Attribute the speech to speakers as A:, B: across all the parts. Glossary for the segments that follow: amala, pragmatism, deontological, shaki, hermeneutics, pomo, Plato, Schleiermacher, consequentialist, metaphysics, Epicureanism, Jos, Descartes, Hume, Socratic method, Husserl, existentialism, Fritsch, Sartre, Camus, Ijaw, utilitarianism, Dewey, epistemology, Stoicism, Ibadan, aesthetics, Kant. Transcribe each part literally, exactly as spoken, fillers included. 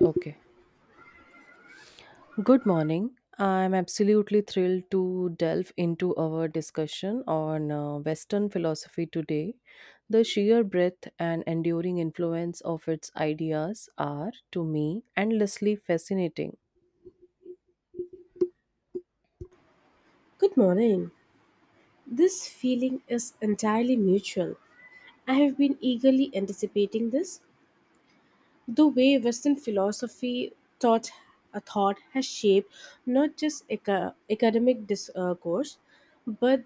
A: Okay. Good morning. I'm absolutely thrilled to delve into our discussion on uh, Western philosophy today. The sheer breadth and enduring influence of its ideas are, to me, endlessly fascinating.
B: Good morning. This feeling is entirely mutual. I have been eagerly anticipating this. The way Western philosophy thought a thought has shaped not just aca- academic discourse, but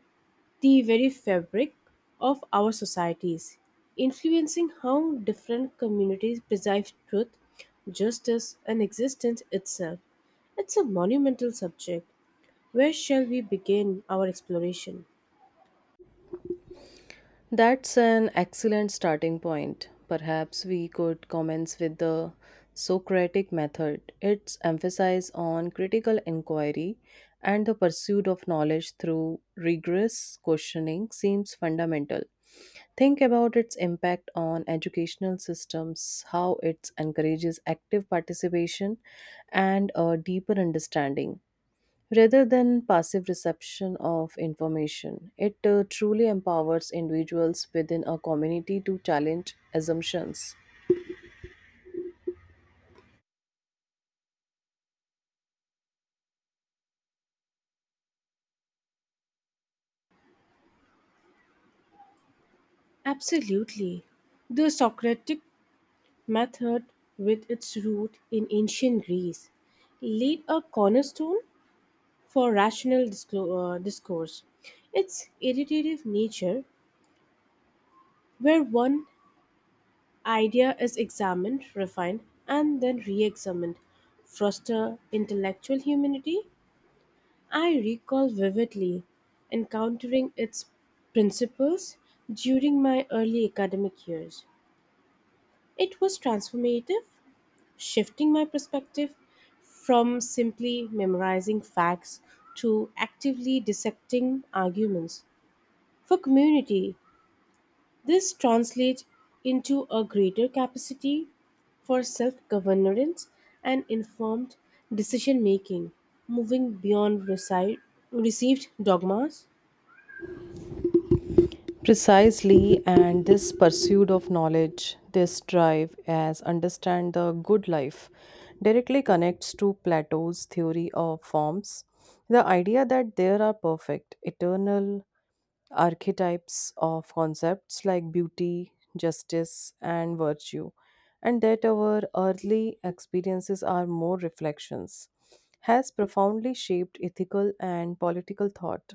B: the very fabric of our societies, influencing how different communities perceive truth, justice, and existence itself. It's a monumental subject. Where shall we begin our exploration?
A: That's an excellent starting point. Perhaps we could commence with the Socratic method. Its emphasis on critical inquiry and the pursuit of knowledge through rigorous questioning seems fundamental. Think about its impact on educational systems, how it encourages active participation and a deeper understanding rather than passive reception of information. It uh, truly empowers individuals within a community to challenge assumptions.
B: Absolutely. The Socratic method, with its root in ancient Greece, laid a cornerstone for rational disclo- uh, discourse. Its iterative nature, where one idea is examined, refined, and then re examined, foster intellectual humanity. I recall vividly encountering its principles during my early academic years. It was transformative shifting my perspective from simply memorizing facts to actively dissecting arguments. For community, this translates into a greater capacity for self governance and informed decision making, moving beyond reci- received dogmas.
A: Precisely, and this pursuit of knowledge, this drive as understand the good life, directly connects to Plato's theory of forms. The idea that there are perfect, eternal archetypes of concepts like beauty, justice, and virtue, and that our early experiences are more reflections, has profoundly shaped ethical and political thought.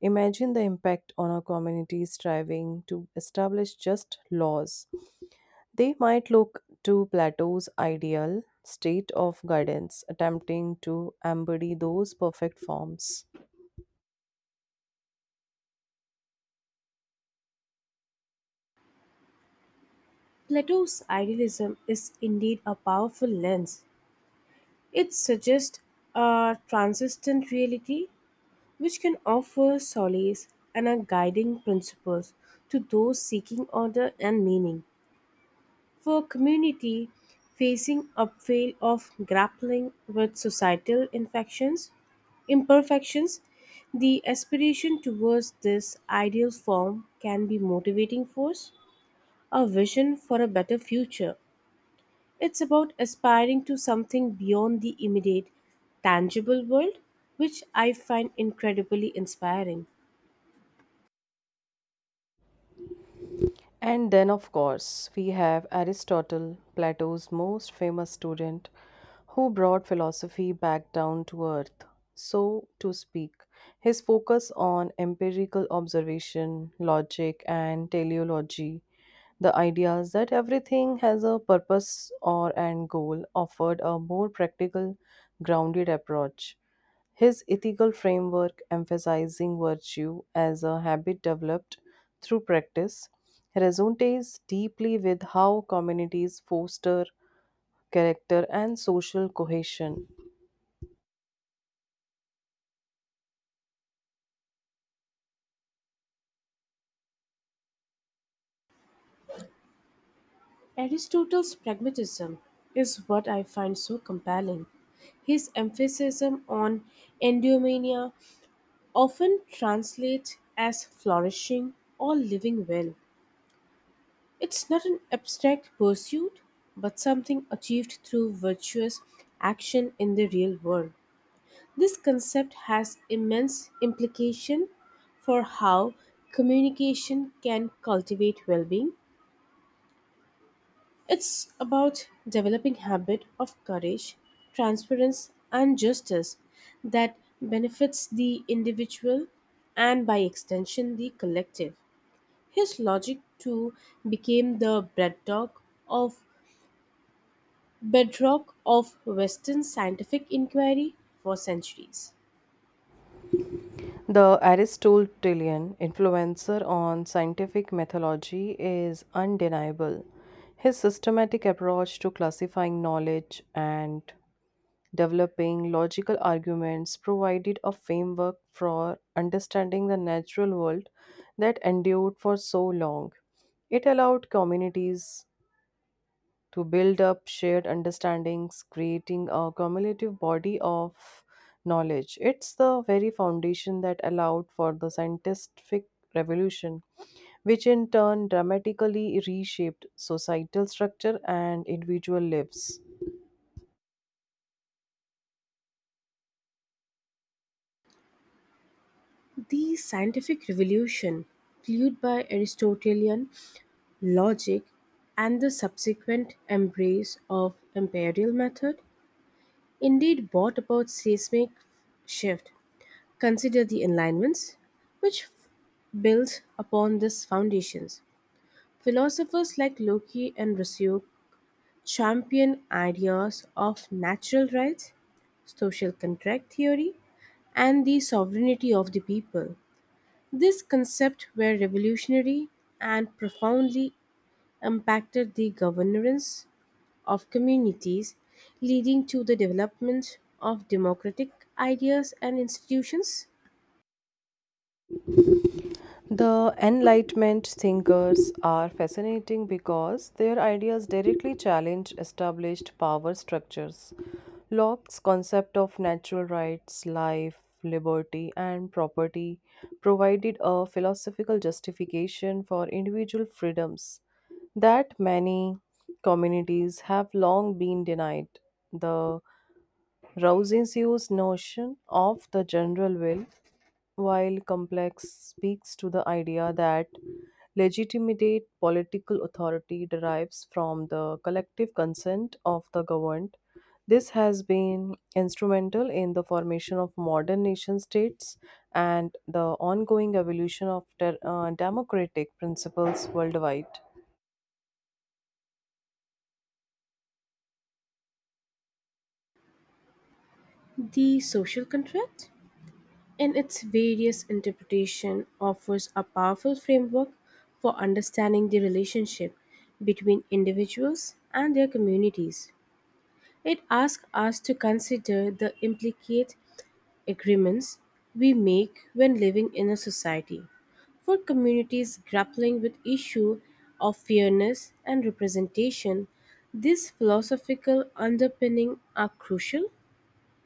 A: Imagine the impact on our communities striving to establish just laws. They might look to Plato's ideal state of guidance, attempting to embody those perfect forms.
B: Plato's idealism is indeed a powerful lens. It suggests a transcendent reality which can offer solace and a guiding principles to those seeking order and meaning. For a community facing upheaval of grappling with societal infections, imperfections, the aspiration towards this ideal form can be motivating force, a vision for a better future. It's about aspiring to something beyond the immediate, tangible world, which I find incredibly inspiring.
A: And then, of course, we have Aristotle, Plato's most famous student, who brought philosophy back down to earth, so to speak. His focus on empirical observation, logic, and teleology, the ideas that everything has a purpose or and goal, offered a more practical, grounded approach. His ethical framework, emphasizing virtue as a habit developed through practice, resonates deeply with how communities foster character and social cohesion.
B: Aristotle's pragmatism is what I find so compelling. His emphasis on eudaimonia often translates as flourishing or living well. It's not an abstract pursuit, but something achieved through virtuous action in the real world. This concept has immense implication for how communication can cultivate well-being. It's about developing habit of courage, transparency and justice that benefits the individual and by extension the collective. His logic too became the bedrock of bedrock of Western scientific inquiry for centuries.
A: The Aristotelian influencer on scientific methodology is undeniable. His systematic approach to classifying knowledge and developing logical arguments provided a framework for understanding the natural world that endured for so long. It allowed communities to build up shared understandings, creating a cumulative body of knowledge. It's the very foundation that allowed for the scientific revolution, which in turn dramatically reshaped societal structure and individual lives.
B: The scientific revolution, fueled by Aristotelian logic and the subsequent embrace of imperial method, indeed, brought about seismic shift. Consider the enlightenments, which builds upon these foundations. Philosophers like Locke and Rousseau champion ideas of natural rights, social contract theory, and the sovereignty of the people. These concepts were revolutionary and profoundly impacted the governance of communities, leading to the development of democratic ideas and institutions.
A: The Enlightenment thinkers are fascinating because their ideas directly challenge established power structures. Locke's concept of natural rights, life, liberty, and property provided a philosophical justification for individual freedoms that many communities have long been denied. The Rousseau's notion of the general will, while complex, speaks to the idea that legitimate political authority derives from the collective consent of the governed. This has been instrumental in the formation of modern nation states and the ongoing evolution of ter- uh, democratic principles worldwide.
B: The social contract, in its various interpretation, offers a powerful framework for understanding the relationship between individuals and their communities. It asks us to consider the implicate agreements we make when living in a society. For communities grappling with issue of fairness and representation, these philosophical underpinning are crucial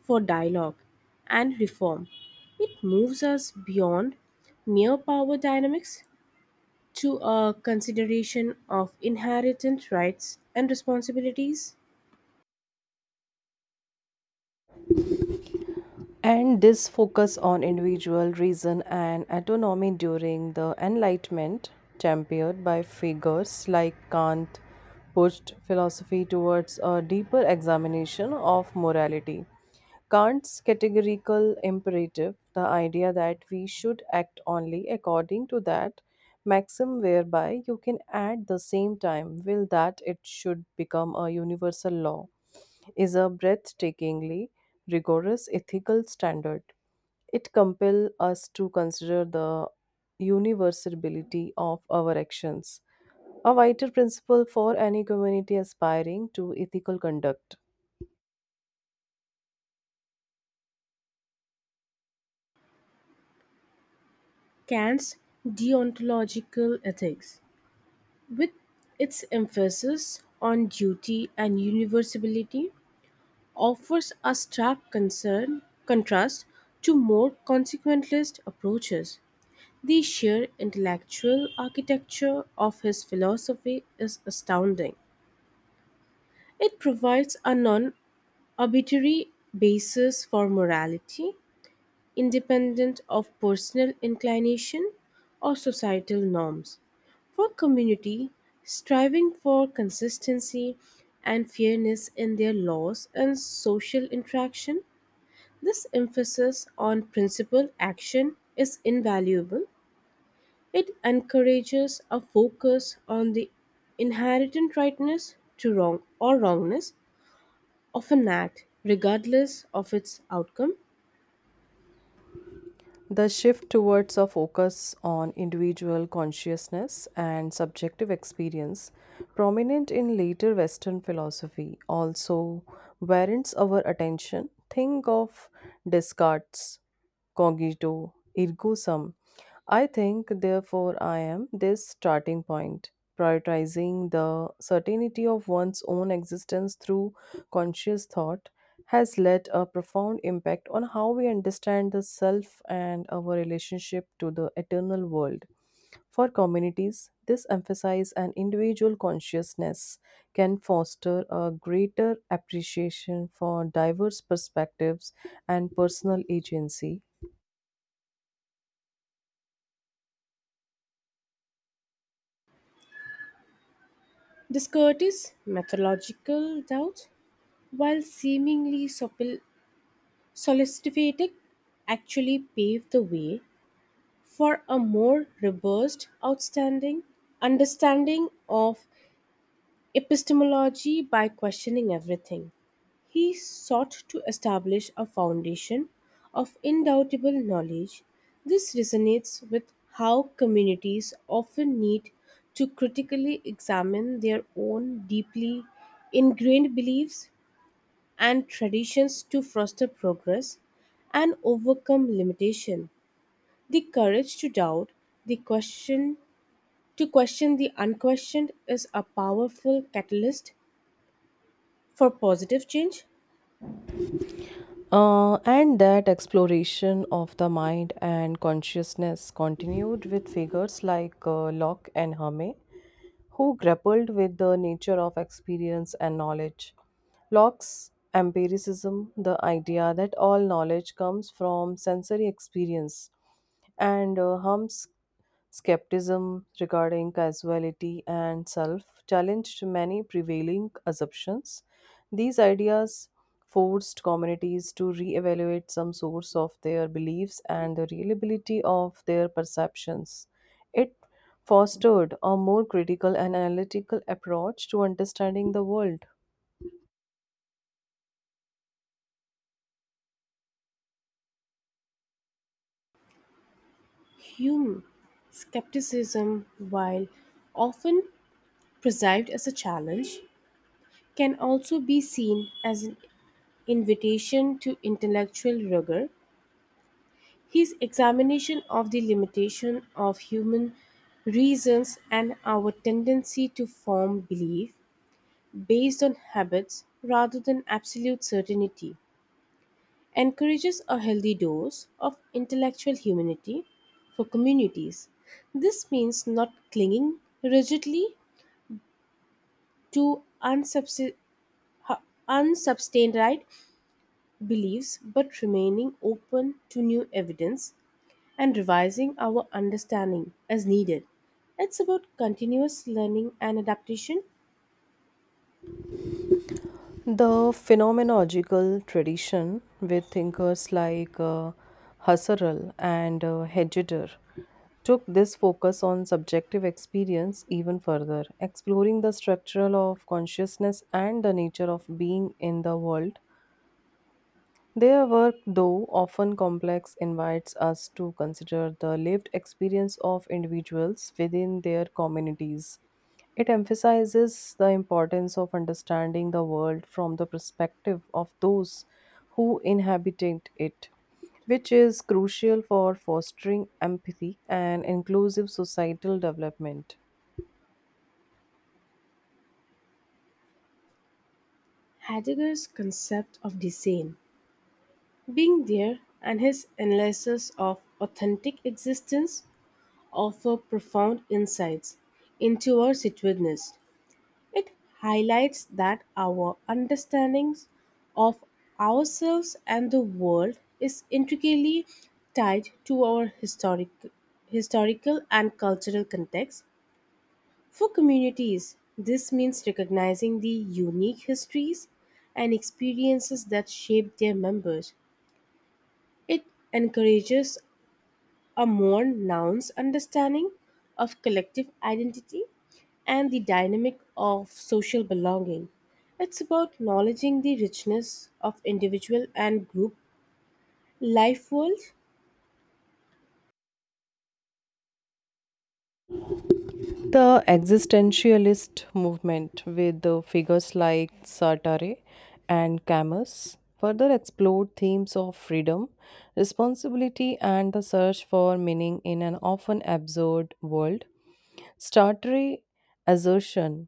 B: for dialogue and reform. It moves us beyond mere power dynamics to a consideration of inherent rights and responsibilities.
A: And this focus on individual reason and autonomy during the Enlightenment, championed by figures like Kant, pushed philosophy towards a deeper examination of morality. Kant's categorical imperative, the idea that we should act only according to that maxim whereby you can at the same time will that it should become a universal law, is a breathtakingly rigorous ethical standard. It compels us to consider the universality of our actions, a vital principle for any community aspiring to ethical conduct.
B: Kant's deontological ethics with its emphasis on duty and universality, offers a stark concern, contrast to more consequentialist approaches. The sheer intellectual architecture of his philosophy is astounding. It provides a non arbitrary basis for morality, independent of personal inclination or societal norms. For community, striving for consistency and fairness in their laws and social interaction, this emphasis on principle action is invaluable. It encourages a focus on the inherent rightness to wrong or wrongness of an act, regardless of its outcome.
A: The shift towards a focus on individual consciousness and subjective experience, prominent in later Western philosophy, also warrants our attention. Think of Descartes' cogito ergo sum, I think, therefore, I am, this starting point. Prioritizing the certainty of one's own existence through conscious thought has led a profound impact on how we understand the self and our relationship to the eternal world. For communities, this emphasis on individual consciousness can foster a greater appreciation for diverse perspectives and personal agency.
B: Discourages methodological doubt while seemingly sopil- soliciting, actually paved the way for a more robust outstanding understanding of epistemology by questioning everything. He sought to establish a foundation of indoutable knowledge. This resonates with how communities often need to critically examine their own deeply ingrained beliefs and traditions to foster progress and overcome limitation. The courage to doubt, the question to question the unquestioned is a powerful catalyst for positive change.
A: Uh, and that exploration of the mind and consciousness continued with figures like uh, Locke and Herme, who grappled with the nature of experience and knowledge. Locke's empiricism, the idea that all knowledge comes from sensory experience, and uh, Herme's skepticism regarding causality and self challenged many prevailing assumptions. These ideas forced communities to reevaluate some source of their beliefs and the reliability of their perceptions. It fostered a more critical and analytical approach to understanding the world.
B: Hume skepticism, while often perceived as a challenge, can also be seen as an invitation to intellectual rigor. His examination of the limitation of human reasons and our tendency to form belief based on habits rather than absolute certainty encourages a healthy dose of intellectual humanity for communities. This means not clinging rigidly to unsubs- unsubstantiated beliefs but remaining open to new evidence and revising our understanding as needed. It's about continuous learning and adaptation.
A: The phenomenological tradition, with thinkers like uh, Husserl and uh, Heidegger, took this focus on subjective experience even further, exploring the structural of consciousness and the nature of being in the world. Their work, though often complex, invites us to consider the lived experience of individuals within their communities. It emphasizes the importance of understanding the world from the perspective of those who inhabit it, which is crucial for fostering empathy and inclusive societal development.
B: Heidegger's concept of design, being there, and his analysis of authentic existence offer profound insights into our situatedness. It highlights that our understandings of ourselves and the world is intricately tied to our historic, historical and cultural context. For communities, this means recognizing the unique histories and experiences that shape their members. It encourages a more nuanced understanding of collective identity and the dynamic of social belonging. It's about acknowledging the richness of individual and group life worlds.
A: The existentialist movement, with the figures like Sartre and Camus, further explored themes of freedom, responsibility, and the search for meaning in an often absurd world. Sartre's assertion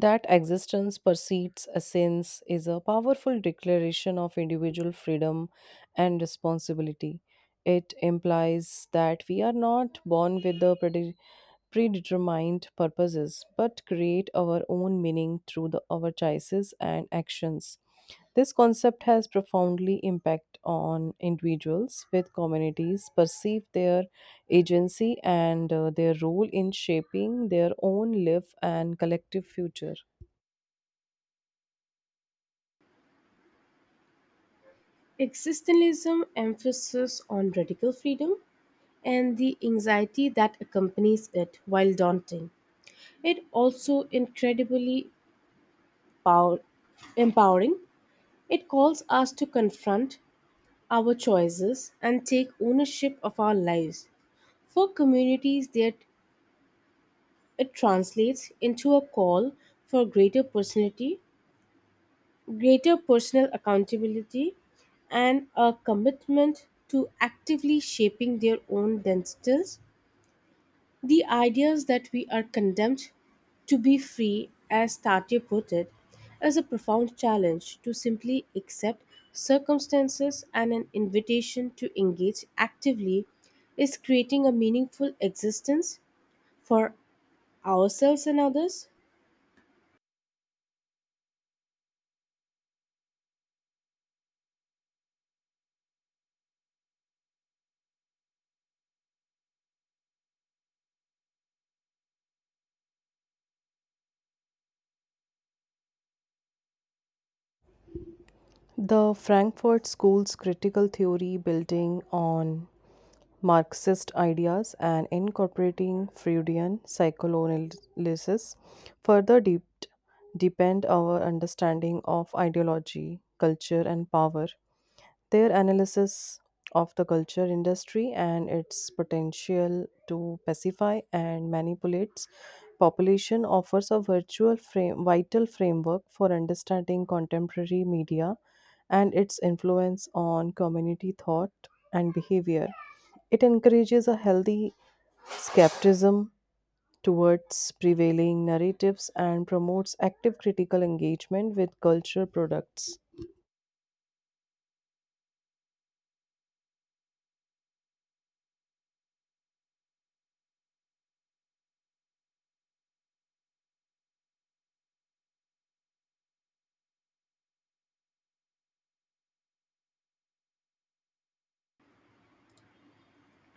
A: that existence precedes essence is a powerful declaration of individual freedom and responsibility. It implies that we are not born with the predi- predetermined purposes, but create our own meaning through the, our choices and actions. This concept has profoundly impact on individuals with communities perceive their agency and uh, their role in shaping their own life and collective future.
B: Existentialism emphasis on radical freedom and the anxiety that accompanies it while daunting. It also incredibly power- empowering. It calls us to confront our choices and take ownership of our lives. For communities that it translates into a call for greater personality, greater personal accountability and a commitment to actively shaping their own destinies. The ideas that we are condemned to be free, as Tatya put it, is a profound challenge to simply accept circumstances and an invitation to engage actively is creating a meaningful existence for ourselves and others.
A: The Frankfurt School's critical theory building on Marxist ideas and incorporating Freudian psychoanalysis further deep, deepened our understanding of ideology, culture, and power. Their analysis of the culture industry and its potential to pacify and manipulate population offers a virtual frame, vital framework for understanding contemporary media and its influence on community thought and behavior. It encourages a healthy skepticism towards prevailing narratives and promotes active critical engagement with culture products.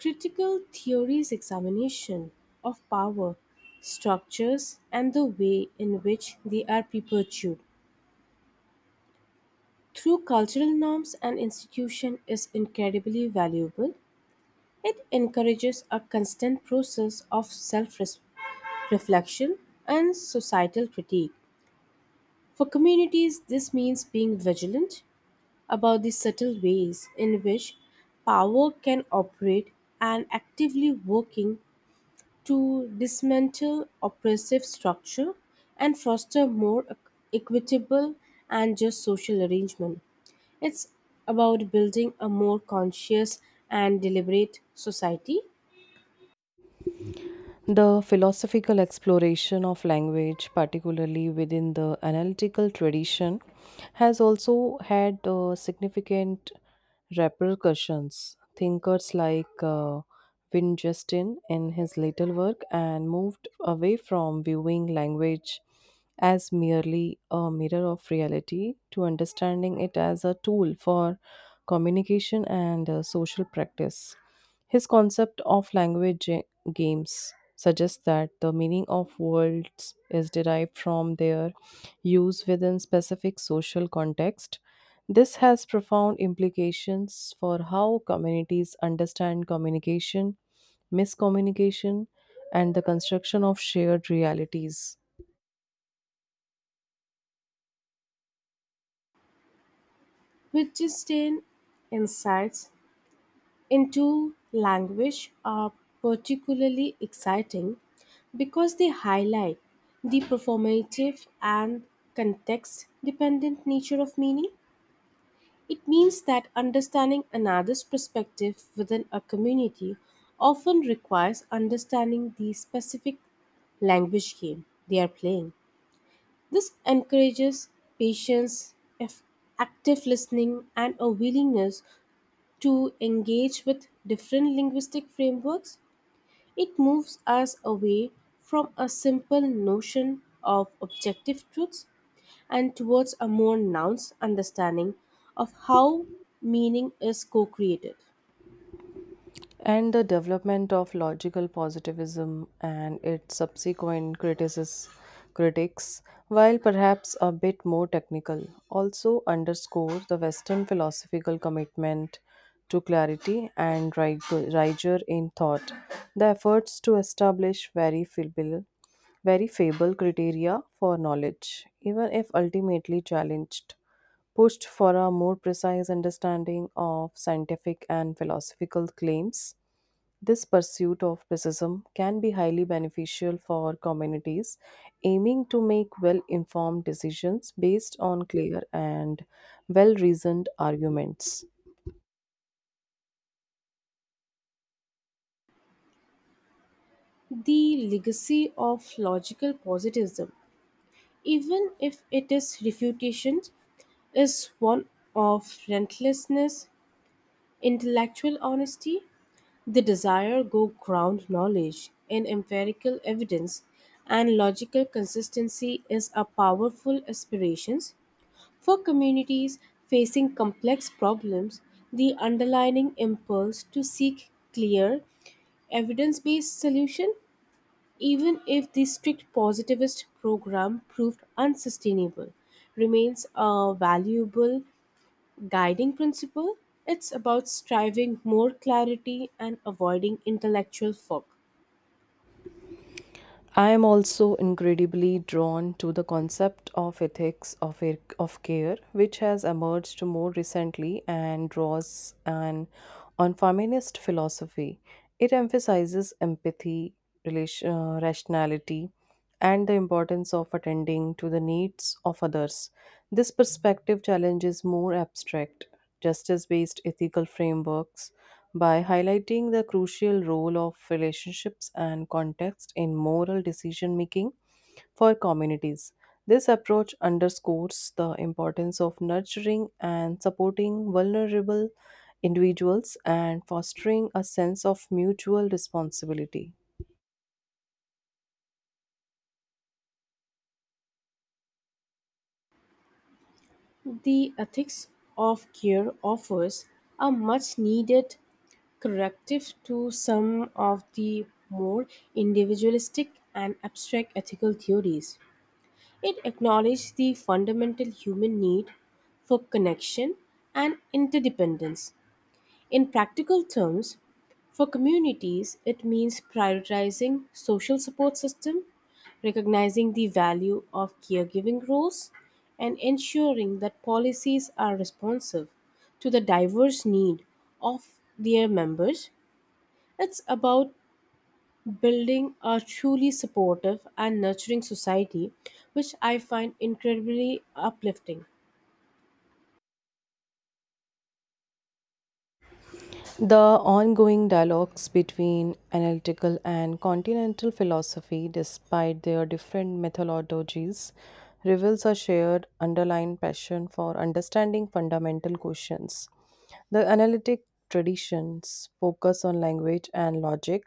B: Critical theory's examination of power, structures, and the way in which they are perpetuated through cultural norms and institution is incredibly valuable. It encourages a constant process of self reflection and societal critique. For communities, this means being vigilant about the subtle ways in which power can operate and actively working to dismantle oppressive structure and foster more equ- equitable and just social arrangement. It's about building a more conscious and deliberate society.
A: The philosophical exploration of language, particularly within the analytical tradition, has also had uh, significant repercussions. Thinkers like uh, Wittgenstein in his later work and moved away from viewing language as merely a mirror of reality to understanding it as a tool for communication and uh, social practice. His concept of language ga- games suggests that the meaning of words is derived from their use within specific social context. This has profound implications for how communities understand communication, miscommunication, and the construction of shared realities.
B: Wittgenstein's insights into language are particularly exciting because they highlight the performative and context dependent nature of meaning. It means that understanding another's perspective within a community often requires understanding the specific language game they are playing. This encourages patience, eff- active listening, and a willingness to engage with different linguistic frameworks. It moves us away from a simple notion of objective truths and towards a more nuanced understanding of how meaning is co created.
A: And the development of logical positivism and its subsequent criticis- critics, while perhaps a bit more technical, also underscores the Western philosophical commitment to clarity and rig- rigor in thought. The efforts to establish very feeble very fable criteria for knowledge, even if ultimately challenged, pushed for a more precise understanding of scientific and philosophical claims. This pursuit of precision can be highly beneficial for communities aiming to make well informed decisions based on clear and well reasoned arguments.
B: The legacy of logical positivism, even if it is refutation, is one of relentlessness, intellectual honesty. The desire go ground knowledge in empirical evidence and logical consistency is a powerful aspiration for communities facing complex problems. The underlying impulse to seek clear evidence-based solution even if the strict positivist program proved unsustainable remains a valuable guiding principle. It's about striving more clarity and avoiding intellectual fog.
A: I am also incredibly drawn to the concept of ethics of, air- of care, which has emerged more recently and draws an on feminist philosophy. It emphasizes empathy, relation, uh, rationality, and the importance of attending to the needs of others. This perspective challenges more abstract, justice based ethical frameworks by highlighting the crucial role of relationships and context in moral decision making for communities. This approach underscores the importance of nurturing and supporting vulnerable individuals and fostering a sense of mutual responsibility.
B: The ethics of care offers a much needed corrective to some of the more individualistic and abstract ethical theories. It acknowledges the fundamental human need for connection and interdependence. In practical terms, for communities, it means prioritizing social support system, recognizing the value of caregiving roles, and ensuring that policies are responsive to the diverse need of their members. It's about building a truly supportive and nurturing society, which I find incredibly uplifting.
A: The ongoing dialogues between analytical and continental philosophy, despite their different methodologies, reveals a shared underlying passion for understanding fundamental questions. The analytic traditions focus on language and logic,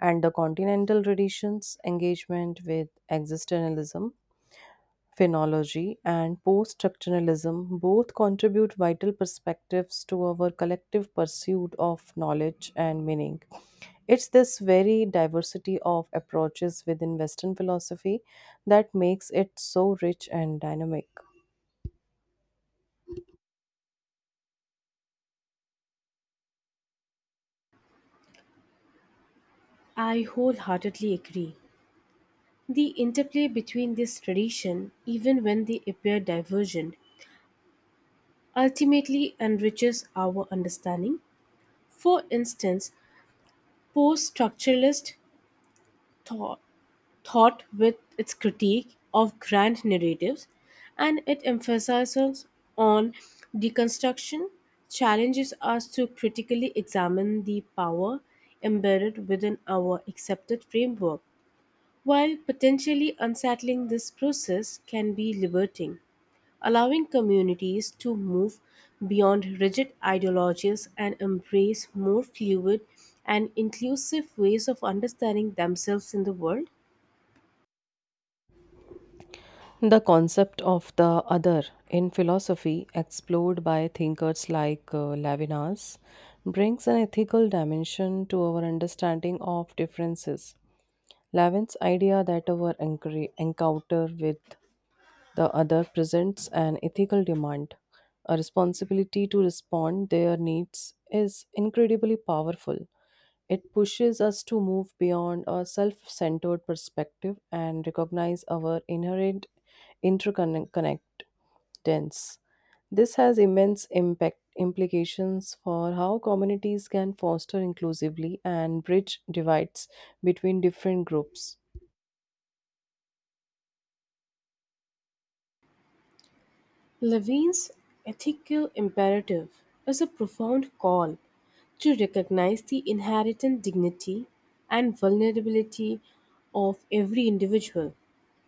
A: and the continental traditions engagement with existentialism, phenology and post-structuralism both contribute vital perspectives to our collective pursuit of knowledge and meaning. It's this very diversity of approaches within Western philosophy that makes it so rich and dynamic.
B: I wholeheartedly agree. The interplay between these traditions, even when they appear divergent, ultimately enriches our understanding. For instance, post structuralist thought, thought, with its critique of grand narratives and it emphasizes on deconstruction, challenges us to critically examine the power embedded within our accepted framework. While potentially unsettling, this process can be liberating, allowing communities to move beyond rigid ideologies and embrace more fluid and inclusive ways of understanding themselves in the world.
A: The concept of the other in philosophy, explored by thinkers like uh, Levinas, brings an ethical dimension to our understanding of differences. Lavin's idea that our encre- encounter with the other presents an ethical demand, a responsibility to respond their needs is incredibly powerful. It pushes us to move beyond a self-centered perspective and recognize our inherent interconnectedness. This has immense impact implications for how communities can foster inclusively and bridge divides between different groups.
B: Levine's ethical imperative is a profound call to recognize the inherent dignity and vulnerability of every individual.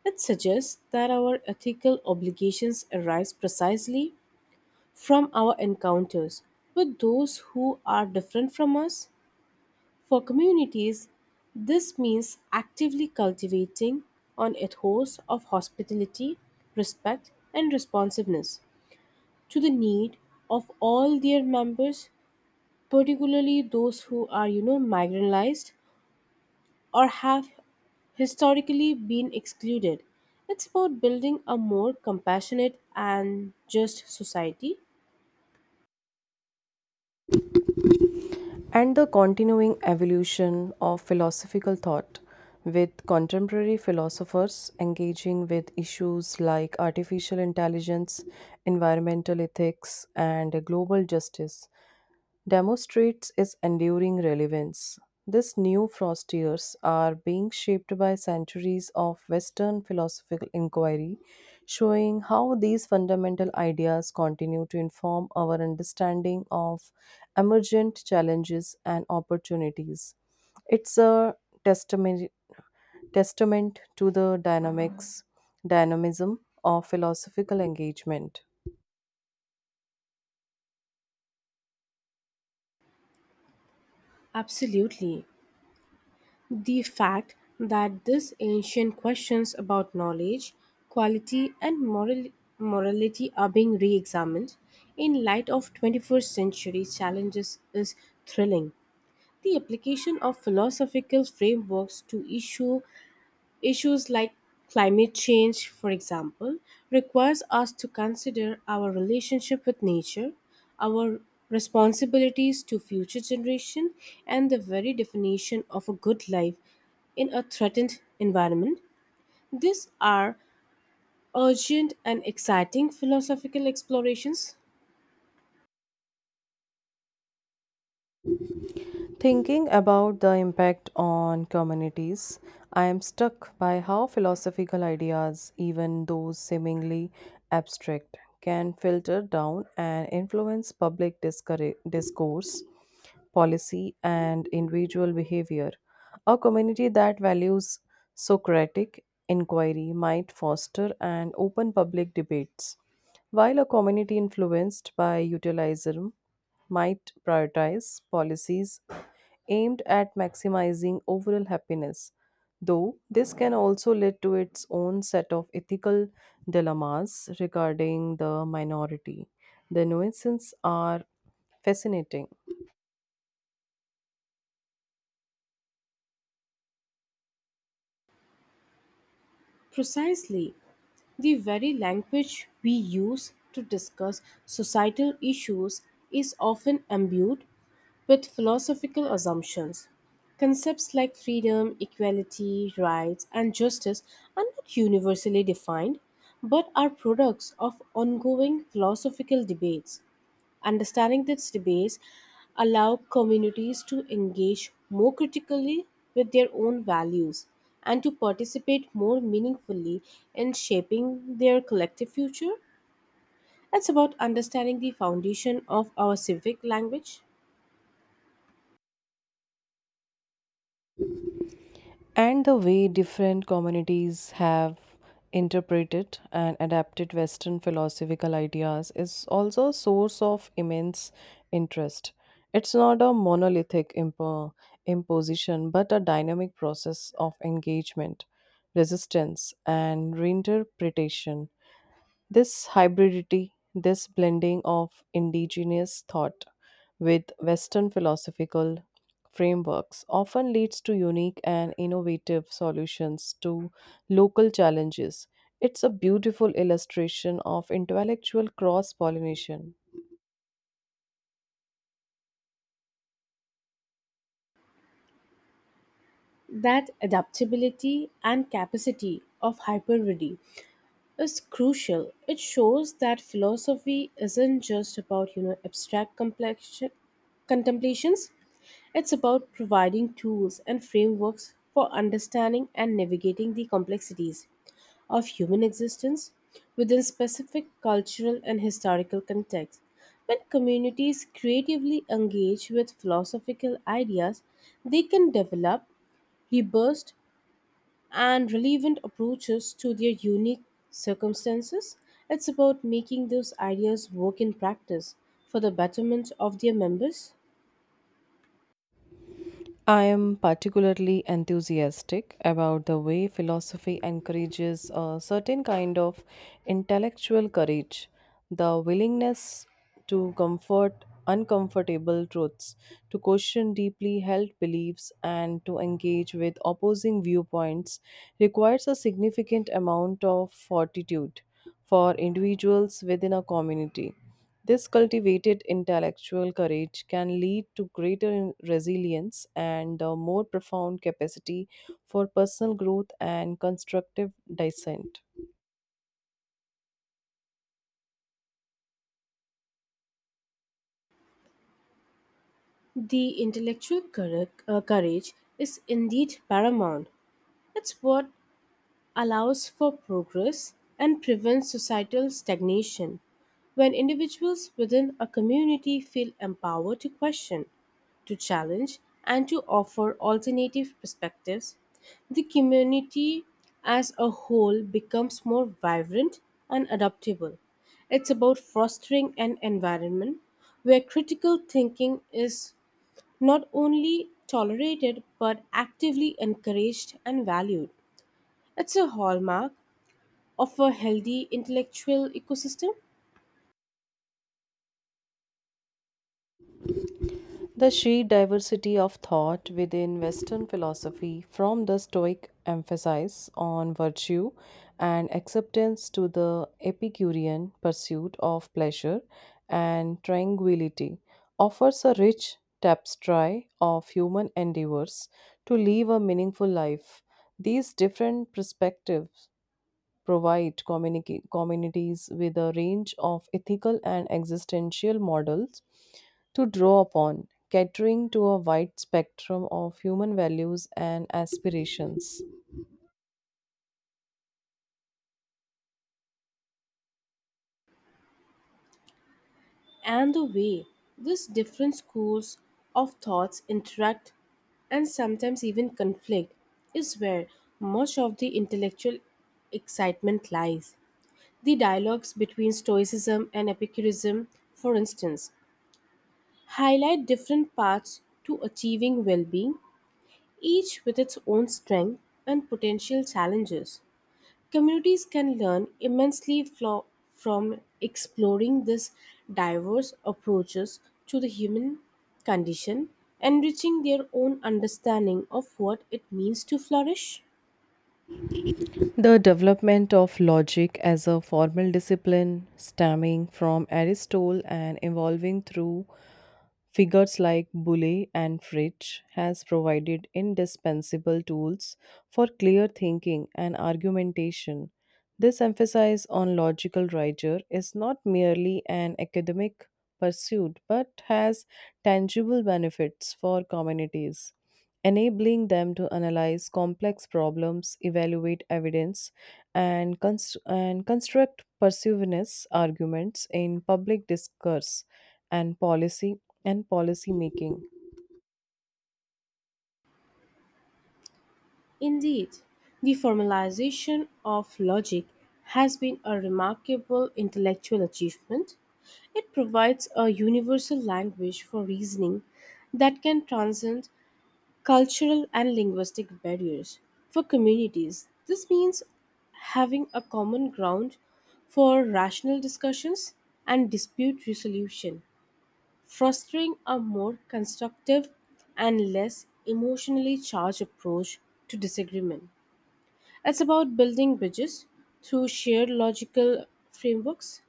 B: It suggests that our ethical obligations arise precisely from our encounters with those who are different from us. For communities, this means actively cultivating an ethos of hospitality, respect, and responsiveness to the need of all their members, particularly those who are, you know, marginalized or have historically been excluded. It's about building a more compassionate and just society.
A: And the continuing evolution of philosophical thought, with contemporary philosophers engaging with issues like artificial intelligence, environmental ethics, and global justice demonstrates its enduring relevance. These new frontiers are being shaped by centuries of Western philosophical inquiry, showing how these fundamental ideas continue to inform our understanding of emergent challenges and opportunities. It's a testament, testament to the dynamics, dynamism of philosophical engagement.
B: Absolutely. The fact that these ancient questions about knowledge, quality, and moral- morality are being re examined in light of twenty-first century challenges is thrilling. The application of philosophical frameworks to issue issues like climate change, for example, requires us to consider our relationship with nature, our responsibilities to future generations, and the very definition of a good life in a threatened environment. These are urgent and exciting philosophical explorations.
A: Thinking about the impact on communities, I am struck by how philosophical ideas, even those seemingly abstract, can filter down and influence public discourse, discourse policy, and individual behavior. A community that values Socratic inquiry might foster an open public debates, while a community influenced by utilitarianism might prioritize policies aimed at maximizing overall happiness. Though this can also lead to its own set of ethical dilemmas regarding the minority. The nuances are fascinating.
B: Precisely. The very language we use to discuss societal issues is often imbued with philosophical assumptions. Concepts like freedom, equality, rights, and justice are not universally defined, but are products of ongoing philosophical debates. Understanding these debates allow communities to engage more critically with their own values and to participate more meaningfully in shaping their collective future. It's about understanding the foundation of our civic language.
A: And the way different communities have interpreted and adapted Western philosophical ideas is also a source of immense interest. It's not a monolithic impo- imposition, but a dynamic process of engagement, resistance, and reinterpretation. This hybridity, this blending of indigenous thought with Western philosophical frameworks often leads to unique and innovative solutions to local challenges. It's a beautiful illustration of intellectual cross pollination.
B: That adaptability and capacity of hypervidi is crucial. It shows that philosophy isn't just about, you know, abstract complexion, contemplations. It's about providing tools and frameworks for understanding and navigating the complexities of human existence within specific cultural and historical contexts. When communities creatively engage with philosophical ideas, they can develop, rebirth, and relevant approaches to their unique circumstances. It's about making those ideas work in practice for the betterment of their members.
A: I am particularly enthusiastic about the way philosophy encourages a certain kind of intellectual courage. The willingness to comfort uncomfortable truths, to question deeply held beliefs, and to engage with opposing viewpoints requires a significant amount of fortitude for individuals within a community. This cultivated intellectual courage can lead to greater resilience and a more profound capacity for personal growth and constructive dissent.
B: The intellectual courage, uh, courage is indeed paramount. It's what allows for progress and prevents societal stagnation. When individuals within a community feel empowered to question, to challenge, and to offer alternative perspectives, the community as a whole becomes more vibrant and adaptable. It's about fostering an environment where critical thinking is not only tolerated but actively encouraged and valued. It's a hallmark of a healthy intellectual ecosystem,
A: The sheer diversity of thought within Western philosophy, from the Stoic emphasis on virtue and acceptance to the Epicurean pursuit of pleasure and tranquility, offers a rich tapestry of human endeavors to live a meaningful life. These different perspectives provide communica- communities with a range of ethical and existential models to draw upon, catering to a wide spectrum of human values and aspirations.
B: and the way these different schools of thoughts interact and sometimes even conflict is where much of the intellectual excitement lies. The dialogues between Stoicism and Epicurism, for instance, highlight different paths to achieving well being, each with its own strength and potential challenges. Communities can learn immensely flo- from exploring these diverse approaches to the human condition, enriching their own understanding of what it means to flourish.
A: The development of logic as a formal discipline, stemming from Aristotle and evolving through figures like Boole and Fritsch has provided indispensable tools for clear thinking and argumentation. This emphasis on logical rigor is not merely an academic pursuit but has tangible benefits for communities, enabling them to analyze complex problems, evaluate evidence, and, const- and construct persuasive arguments in public discourse and policy and policy making.
B: Indeed, the formalization of logic has been a remarkable intellectual achievement. It provides a universal language for reasoning that can transcend cultural and linguistic barriers. For communities, this means having a common ground for rational discussions and dispute resolution, fostering a more constructive and less emotionally charged approach to disagreement. It's about building bridges through shared logical frameworks.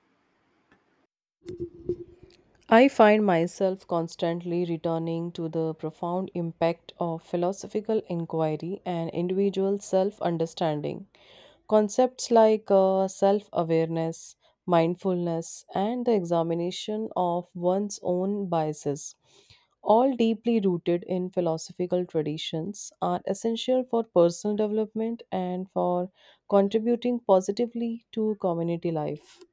A: I find myself constantly returning to the profound impact of philosophical inquiry and individual self understanding. Concepts like uh, self awareness, mindfulness, and the examination of one's own biases, all deeply rooted in philosophical traditions, are essential for personal development and for contributing positively to community life.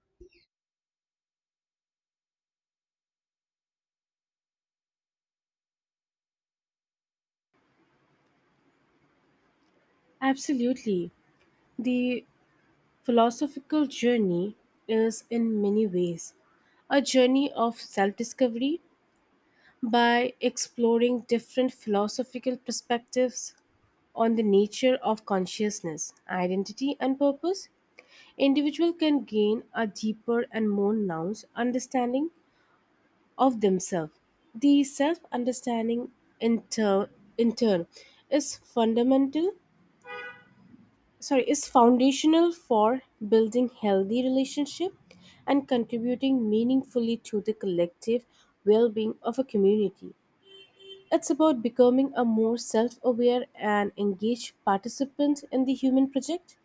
B: Absolutely. The philosophical journey is, in many ways, a journey of self discovery. By exploring different philosophical perspectives on the nature of consciousness, identity, and purpose, individual can gain a deeper and more nuanced understanding of themselves. The self-understanding in, tur- in turn is fundamental, sorry, is foundational for building healthy relationship and contributing meaningfully to the collective well-being of a community. It's about becoming a more self aware and engaged participant in the human project.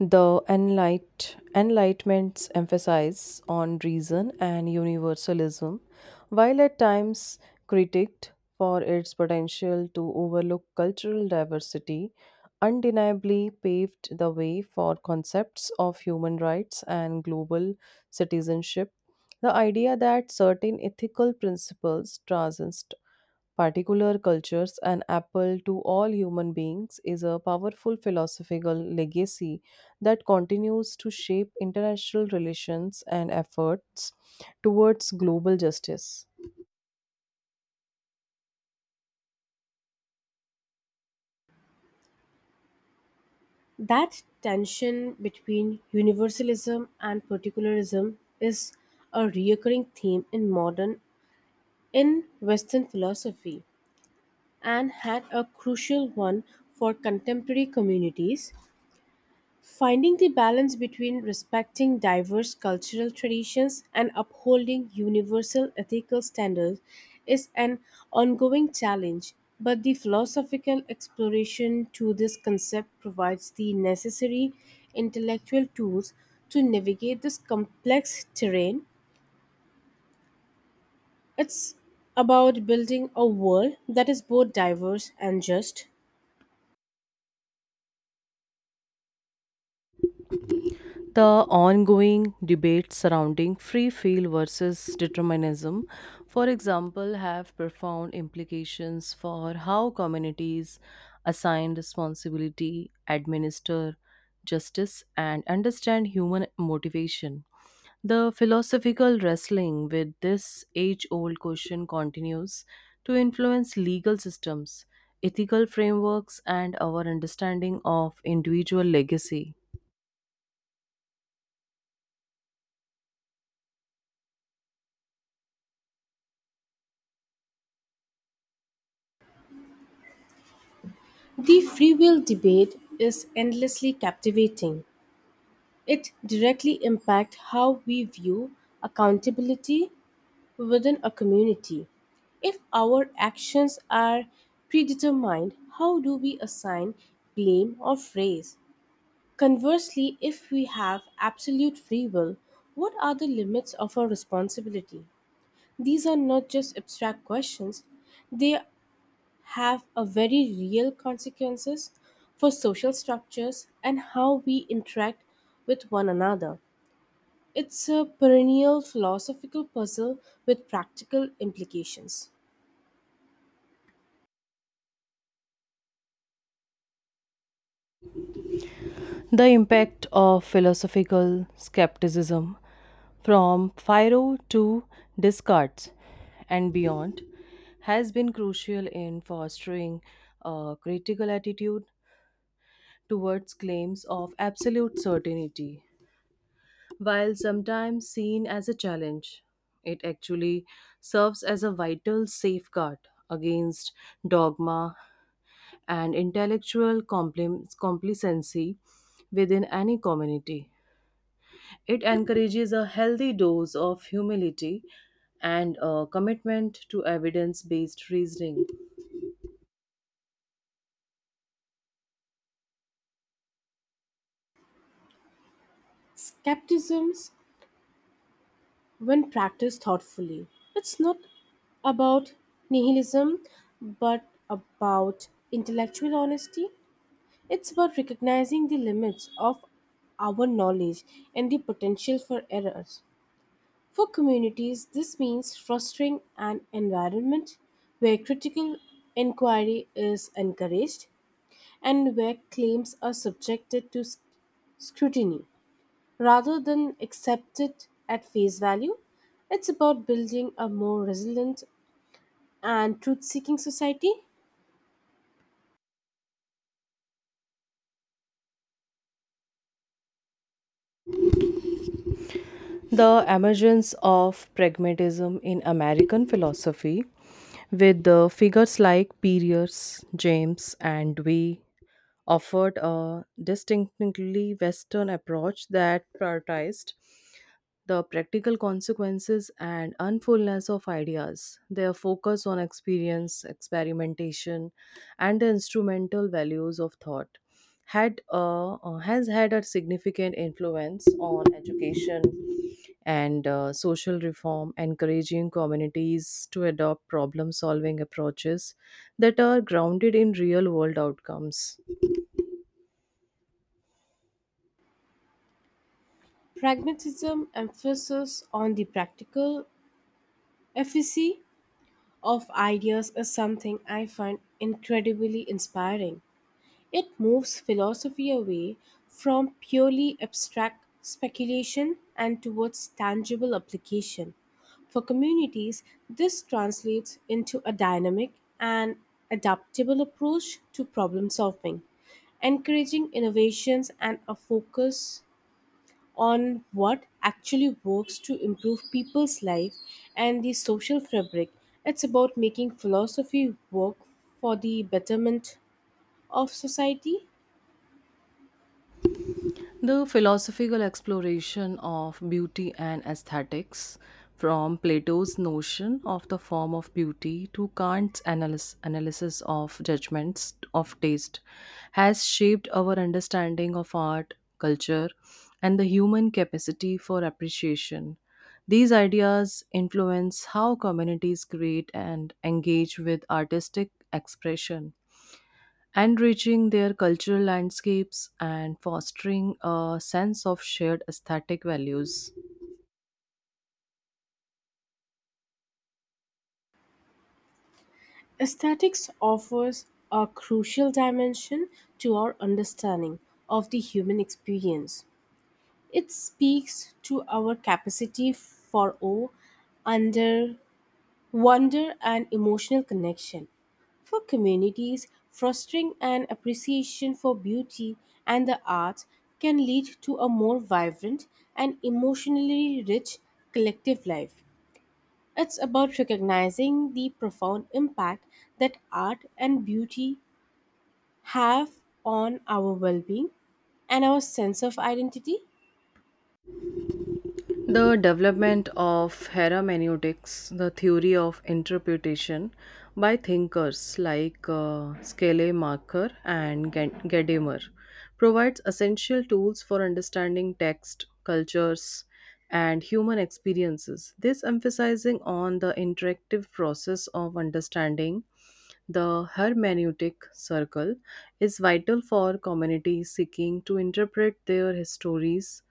A: The Enlight, Enlightenment's emphasis on reason and universalism, while at times critiqued for its potential to overlook cultural diversity, undeniably paved the way for concepts of human rights and global citizenship. The idea that certain ethical principles transcend particular cultures, an apple to all human beings is a powerful philosophical legacy that continues to shape international relations and efforts towards global justice.
B: That tension between universalism and particularism is a recurring theme in modern in Western philosophy and had a crucial one for contemporary communities. Finding the balance between respecting diverse cultural traditions and upholding universal ethical standards is an ongoing challenge, but the philosophical exploration to this concept provides the necessary intellectual tools to navigate this complex terrain. It's about building a world that is both diverse and just.
A: The ongoing debates surrounding free will versus determinism, for example, have profound implications for how communities assign responsibility, administer justice, and understand human motivation. The philosophical wrestling with this age old question continues to influence legal systems, ethical frameworks, and our understanding of individual legacy.
B: The free will debate is endlessly captivating. It directly impacts how we view accountability within a community. If our actions are predetermined, how do we assign blame or praise? Conversely, if we have absolute free will, what are the limits of our responsibility? These are not just abstract questions, they have a very real consequences for social structures and how we interact with one another. It's a perennial philosophical puzzle with practical implications.
A: The impact of philosophical skepticism from Philo to Descartes and beyond has been crucial in fostering a critical attitude towards claims of absolute certainty. While sometimes seen as a challenge, it actually serves as a vital safeguard against dogma and intellectual complim- complacency within any community. It encourages a healthy dose of humility and a commitment to evidence based reasoning.
B: Skepticism, when practiced thoughtfully, it's not about nihilism but about intellectual honesty. It's about recognizing the limits of our knowledge and the potential for errors. For communities, this means fostering an environment where critical inquiry is encouraged and where claims are subjected to sc- scrutiny rather than accepted at face value. It's about building a more resilient and truth seeking society.
A: The emergence of pragmatism in American philosophy, with the figures like Pierce, James, and Dewey, offered a distinctly Western approach that prioritized the practical consequences and unfulness of ideas. Their focus on experience, experimentation, and the instrumental values of thought had a, uh, has had a significant influence on education and uh, social reform, encouraging communities to adopt problem solving approaches that are grounded in real world outcomes.
B: Pragmatism emphasis on the practical efficacy of ideas is something I find incredibly inspiring. It moves philosophy away from purely abstract speculation and towards tangible application. For communities, this translates into a dynamic and adaptable approach to problem solving, encouraging innovations and a focus on what actually works to improve people's life and the social fabric. It's about making philosophy work for the betterment of society.
A: The philosophical exploration of beauty and aesthetics, from Plato's notion of the form of beauty to Kant's analys- analysis of judgments of taste, has shaped our understanding of art, culture, and the human capacity for appreciation. These ideas influence how communities create and engage with artistic expression enriching their cultural landscapes and fostering a sense of shared aesthetic values.
B: Aesthetics offers a crucial dimension to our understanding of the human experience. It speaks to our capacity for awe, under wonder and emotional connection. For communities, fostering an appreciation for beauty and the arts can lead to a more vibrant and emotionally rich collective life. It's about recognizing the profound impact that art and beauty have on our well being and our sense of identity.
A: The development of hermeneutics, the theory of interpretation, by thinkers like uh, Scleiermacher and Gen- Gadamer, provides essential tools for understanding text, cultures, and human experiences. This emphasizing on the interactive process of understanding the hermeneutic circle is vital for communities seeking to interpret their histories,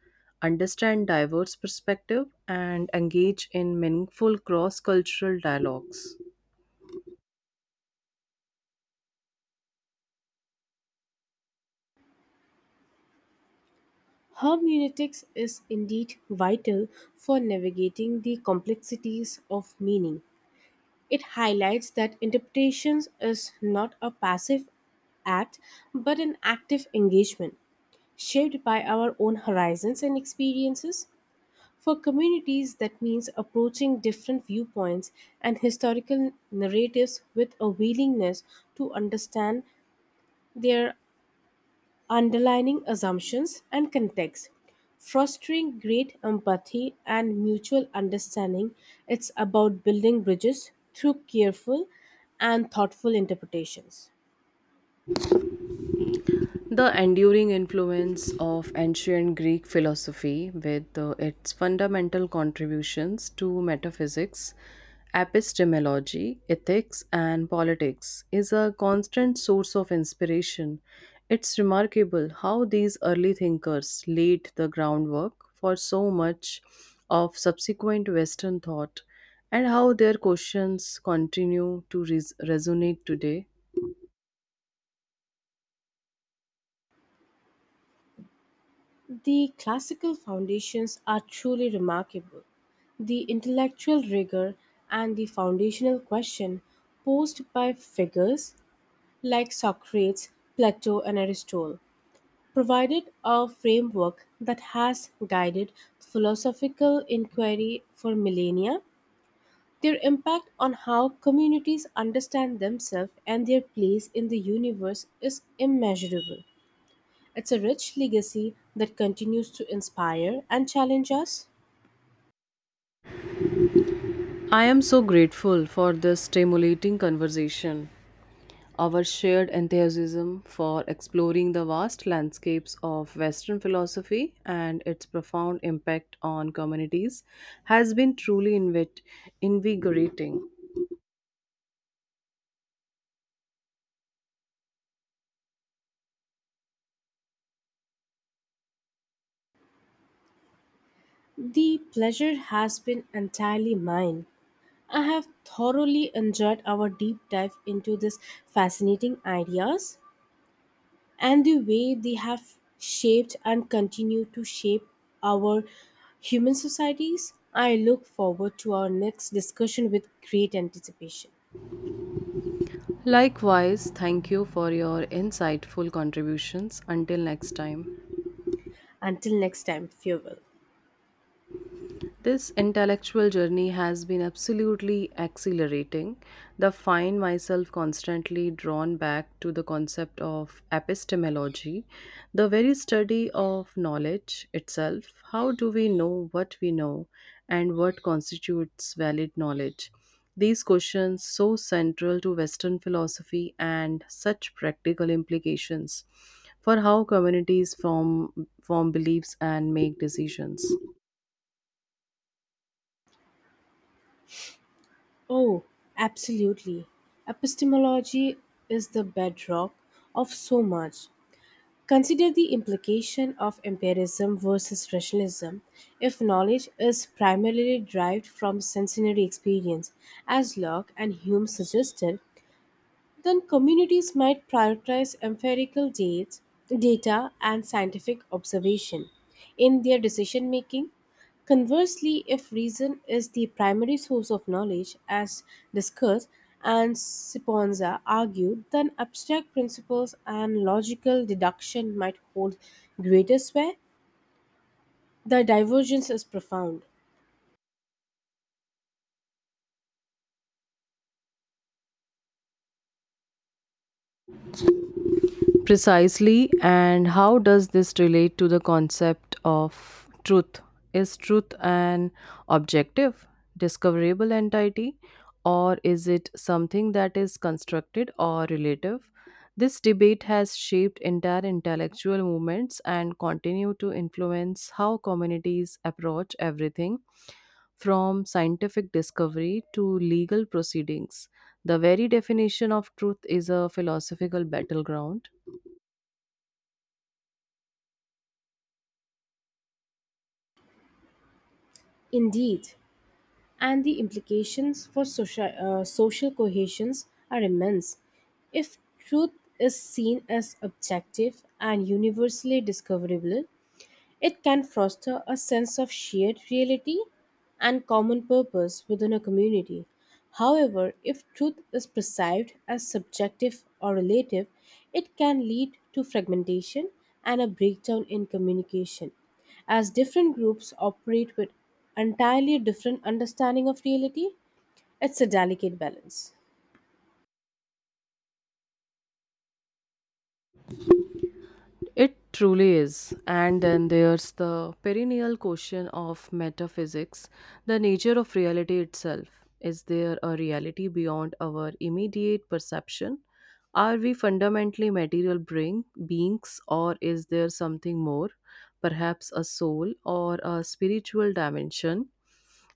A: understand diverse perspectives, and engage in meaningful cross cultural dialogues.
B: Hermeneutics is indeed vital for navigating the complexities of meaning. It highlights that interpretation is not a passive act but an active engagement shaped by our own horizons and experiences. For communities, that means approaching different viewpoints and historical narratives with a willingness to understand their underlying assumptions and context. Fostering great empathy and mutual understanding, it's about building bridges through careful and thoughtful interpretations.
A: The enduring influence of ancient Greek philosophy, with uh, its fundamental contributions to metaphysics, epistemology, ethics, and politics, is a constant source of inspiration. It's remarkable how these early thinkers laid the groundwork for so much of subsequent Western thought and how their questions continue to res- resonate today.
B: The classical foundations are truly remarkable. The intellectual rigor and the foundational question posed by figures like Socrates, Plato, and Aristotle provided a framework that has guided philosophical inquiry for millennia. Their impact on how communities understand themselves and their place in the universe is immeasurable. It's a rich legacy that continues to inspire and challenge us.
A: I am so grateful for this stimulating conversation, our shared enthusiasm for exploring the vast landscapes of Western philosophy and its profound impact on communities has been truly invit- invigorating.
B: The pleasure has been entirely mine. I have thoroughly enjoyed our deep dive into these fascinating ideas and the way they have shaped and continue to shape our human societies. I look forward to our next discussion with great anticipation.
A: Likewise, thank you for your insightful contributions. Until next time.
B: Until next time, farewell.
A: This intellectual journey has been absolutely accelerating. The find myself constantly drawn back to the concept of epistemology, the very study of knowledge itself. How do we know what we know and what constitutes valid knowledge? These questions so central to Western philosophy and such practical implications for how communities form form beliefs and make decisions.
B: Oh, absolutely. Epistemology is the bedrock of so much. Consider the implication of empiricism versus rationalism. If knowledge is primarily derived from sensory experience, as Locke and Hume suggested, then communities might prioritize empirical dates, data and scientific observation in their decision making. Conversely, if reason is the primary source of knowledge, as discussed and Siponza argued, then abstract principles and logical deduction might hold greater sway. The divergence is profound.
A: Precisely, and how does this relate to the concept of truth? Is truth an objective, discoverable entity, or is it something that is constructed or relative? This debate has shaped entire intellectual movements and continue to influence how communities approach everything from scientific discovery to legal proceedings. The very definition of truth is a philosophical battleground.
B: Indeed. And the implications for social, uh, social cohesions are immense. If truth is seen as objective and universally discoverable, it can foster a sense of shared reality and common purpose within a community. However, if truth is perceived as subjective or relative, it can lead to fragmentation and a breakdown in communication, as different groups operate with entirely different understanding of reality. It's a delicate balance.
A: It truly is. And then there's the perennial question of metaphysics, the nature of reality itself. Is there a reality beyond our immediate perception? Are we fundamentally material bring, beings, or is there something more, perhaps a soul or a spiritual dimension?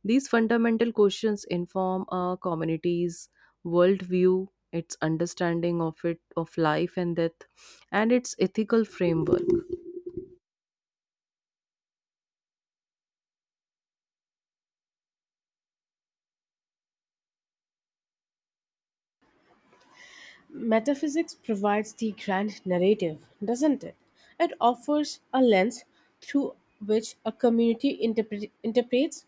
A: These fundamental questions inform a community's worldview, its understanding of it, of life and death and its ethical framework.
B: Metaphysics provides the grand narrative, doesn't it? It offers a lens through which a community interpre- interprets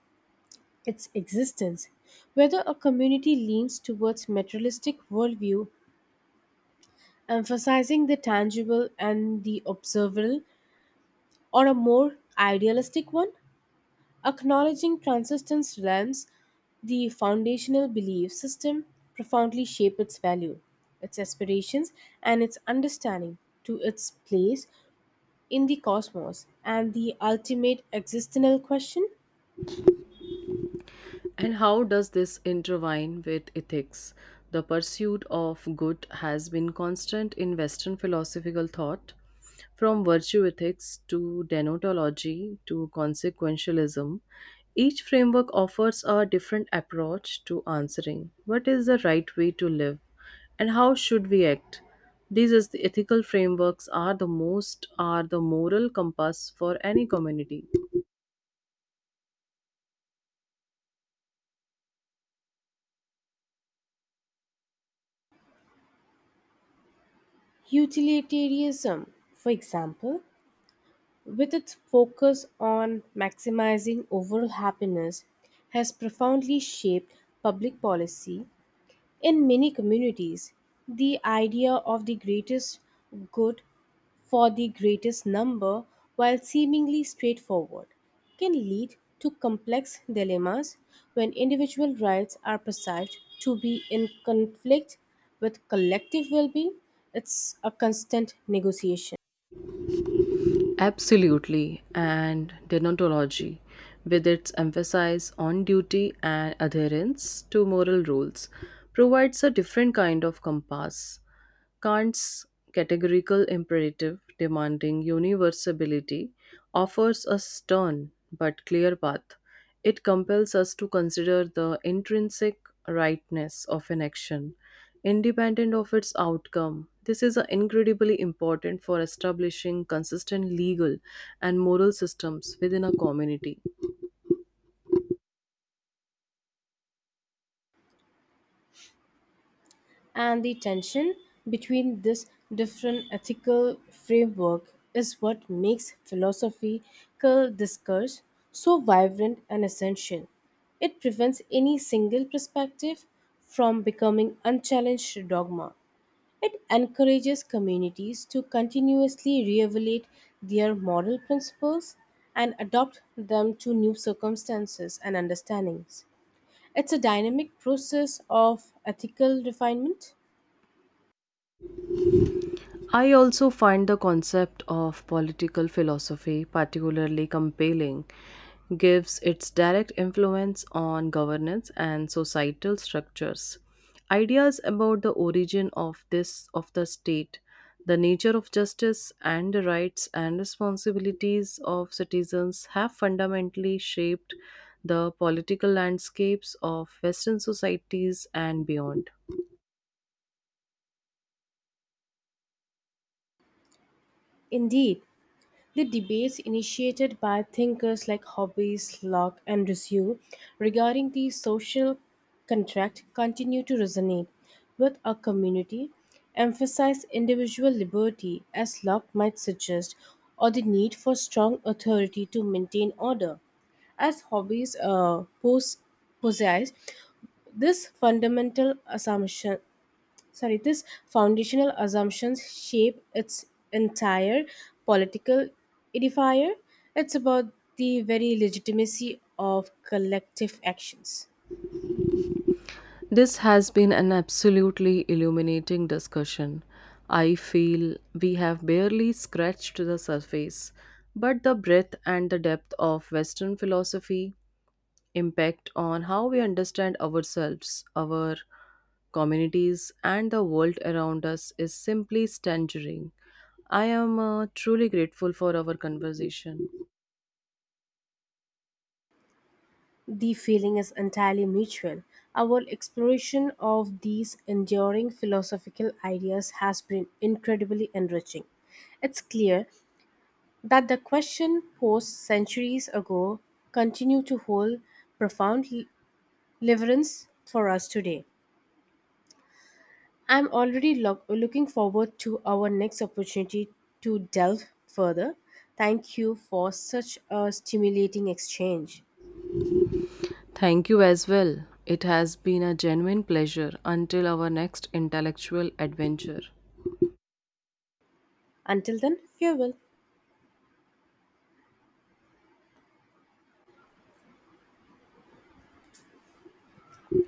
B: its existence. Whether a community leans towards materialistic worldview, emphasizing the tangible and the observable, or a more idealistic one, acknowledging transcendence lends the foundational belief system profoundly shape its value, its aspirations, and its understanding to its place in the cosmos and the ultimate existential question.
A: And how does this intertwine with ethics? The pursuit of good has been constant in Western philosophical thought, from virtue ethics to denotology to consequentialism. Each framework offers a different approach to answering what is the right way to live and how should we act. These is the ethical frameworks are the most are the moral compass for any community.
B: Utilitarianism, for example, with its focus on maximizing overall happiness, has profoundly shaped public policy. In many communities, the idea of the greatest good for the greatest number, while seemingly straightforward, can lead to complex dilemmas when individual rights are perceived to be in conflict with collective well being. It's a constant negotiation.
A: Absolutely, and deontology, with its emphasis on duty and adherence to moral rules, provides a different kind of compass. Kant's categorical imperative, demanding universality, offers a stern but clear path. It compels us to consider the intrinsic rightness of an action, independent of its outcome. This is uh, incredibly important for establishing consistent legal and moral systems within a community.
B: And the tension between this different ethical framework is what makes philosophical discourse so vibrant and essential. It prevents any single perspective from becoming unchallenged dogma. It encourages communities to continuously reevaluate their moral principles and adopt them to new circumstances and understandings. It's a dynamic process of ethical refinement.
A: I also find the concept of political philosophy particularly compelling, gives its direct influence on governance and societal structures. Ideas about the origin of this of the state, the nature of justice and the rights and responsibilities of citizens have fundamentally shaped the political landscapes of western societies and beyond.
B: Indeed, the debates initiated by thinkers like Hobbes, Locke, and Rousseau regarding the social contract continue to resonate with our community, emphasize individual liberty, as Locke might suggest, or the need for strong authority to maintain order. As Hobbes uh, pos- possessed this fundamental assumption, sorry this foundational assumptions shape its entire political edifier. It's about the very legitimacy of collective actions.
A: This has been an absolutely illuminating discussion. I feel we have barely scratched the surface, but the breadth and the depth of Western philosophy impact on how we understand ourselves, our communities, and the world around us is simply staggering. I am uh, truly grateful for our conversation.
B: The feeling is entirely mutual. Our exploration of these enduring philosophical ideas has been incredibly enriching. It's clear that the question posed centuries ago continue to hold profound l- relevance for us today. I'm already lo- looking forward to our next opportunity to delve further. Thank you for such a stimulating exchange.
A: Thank you as well. It has been a genuine pleasure until our next intellectual adventure.
B: Until then, farewell.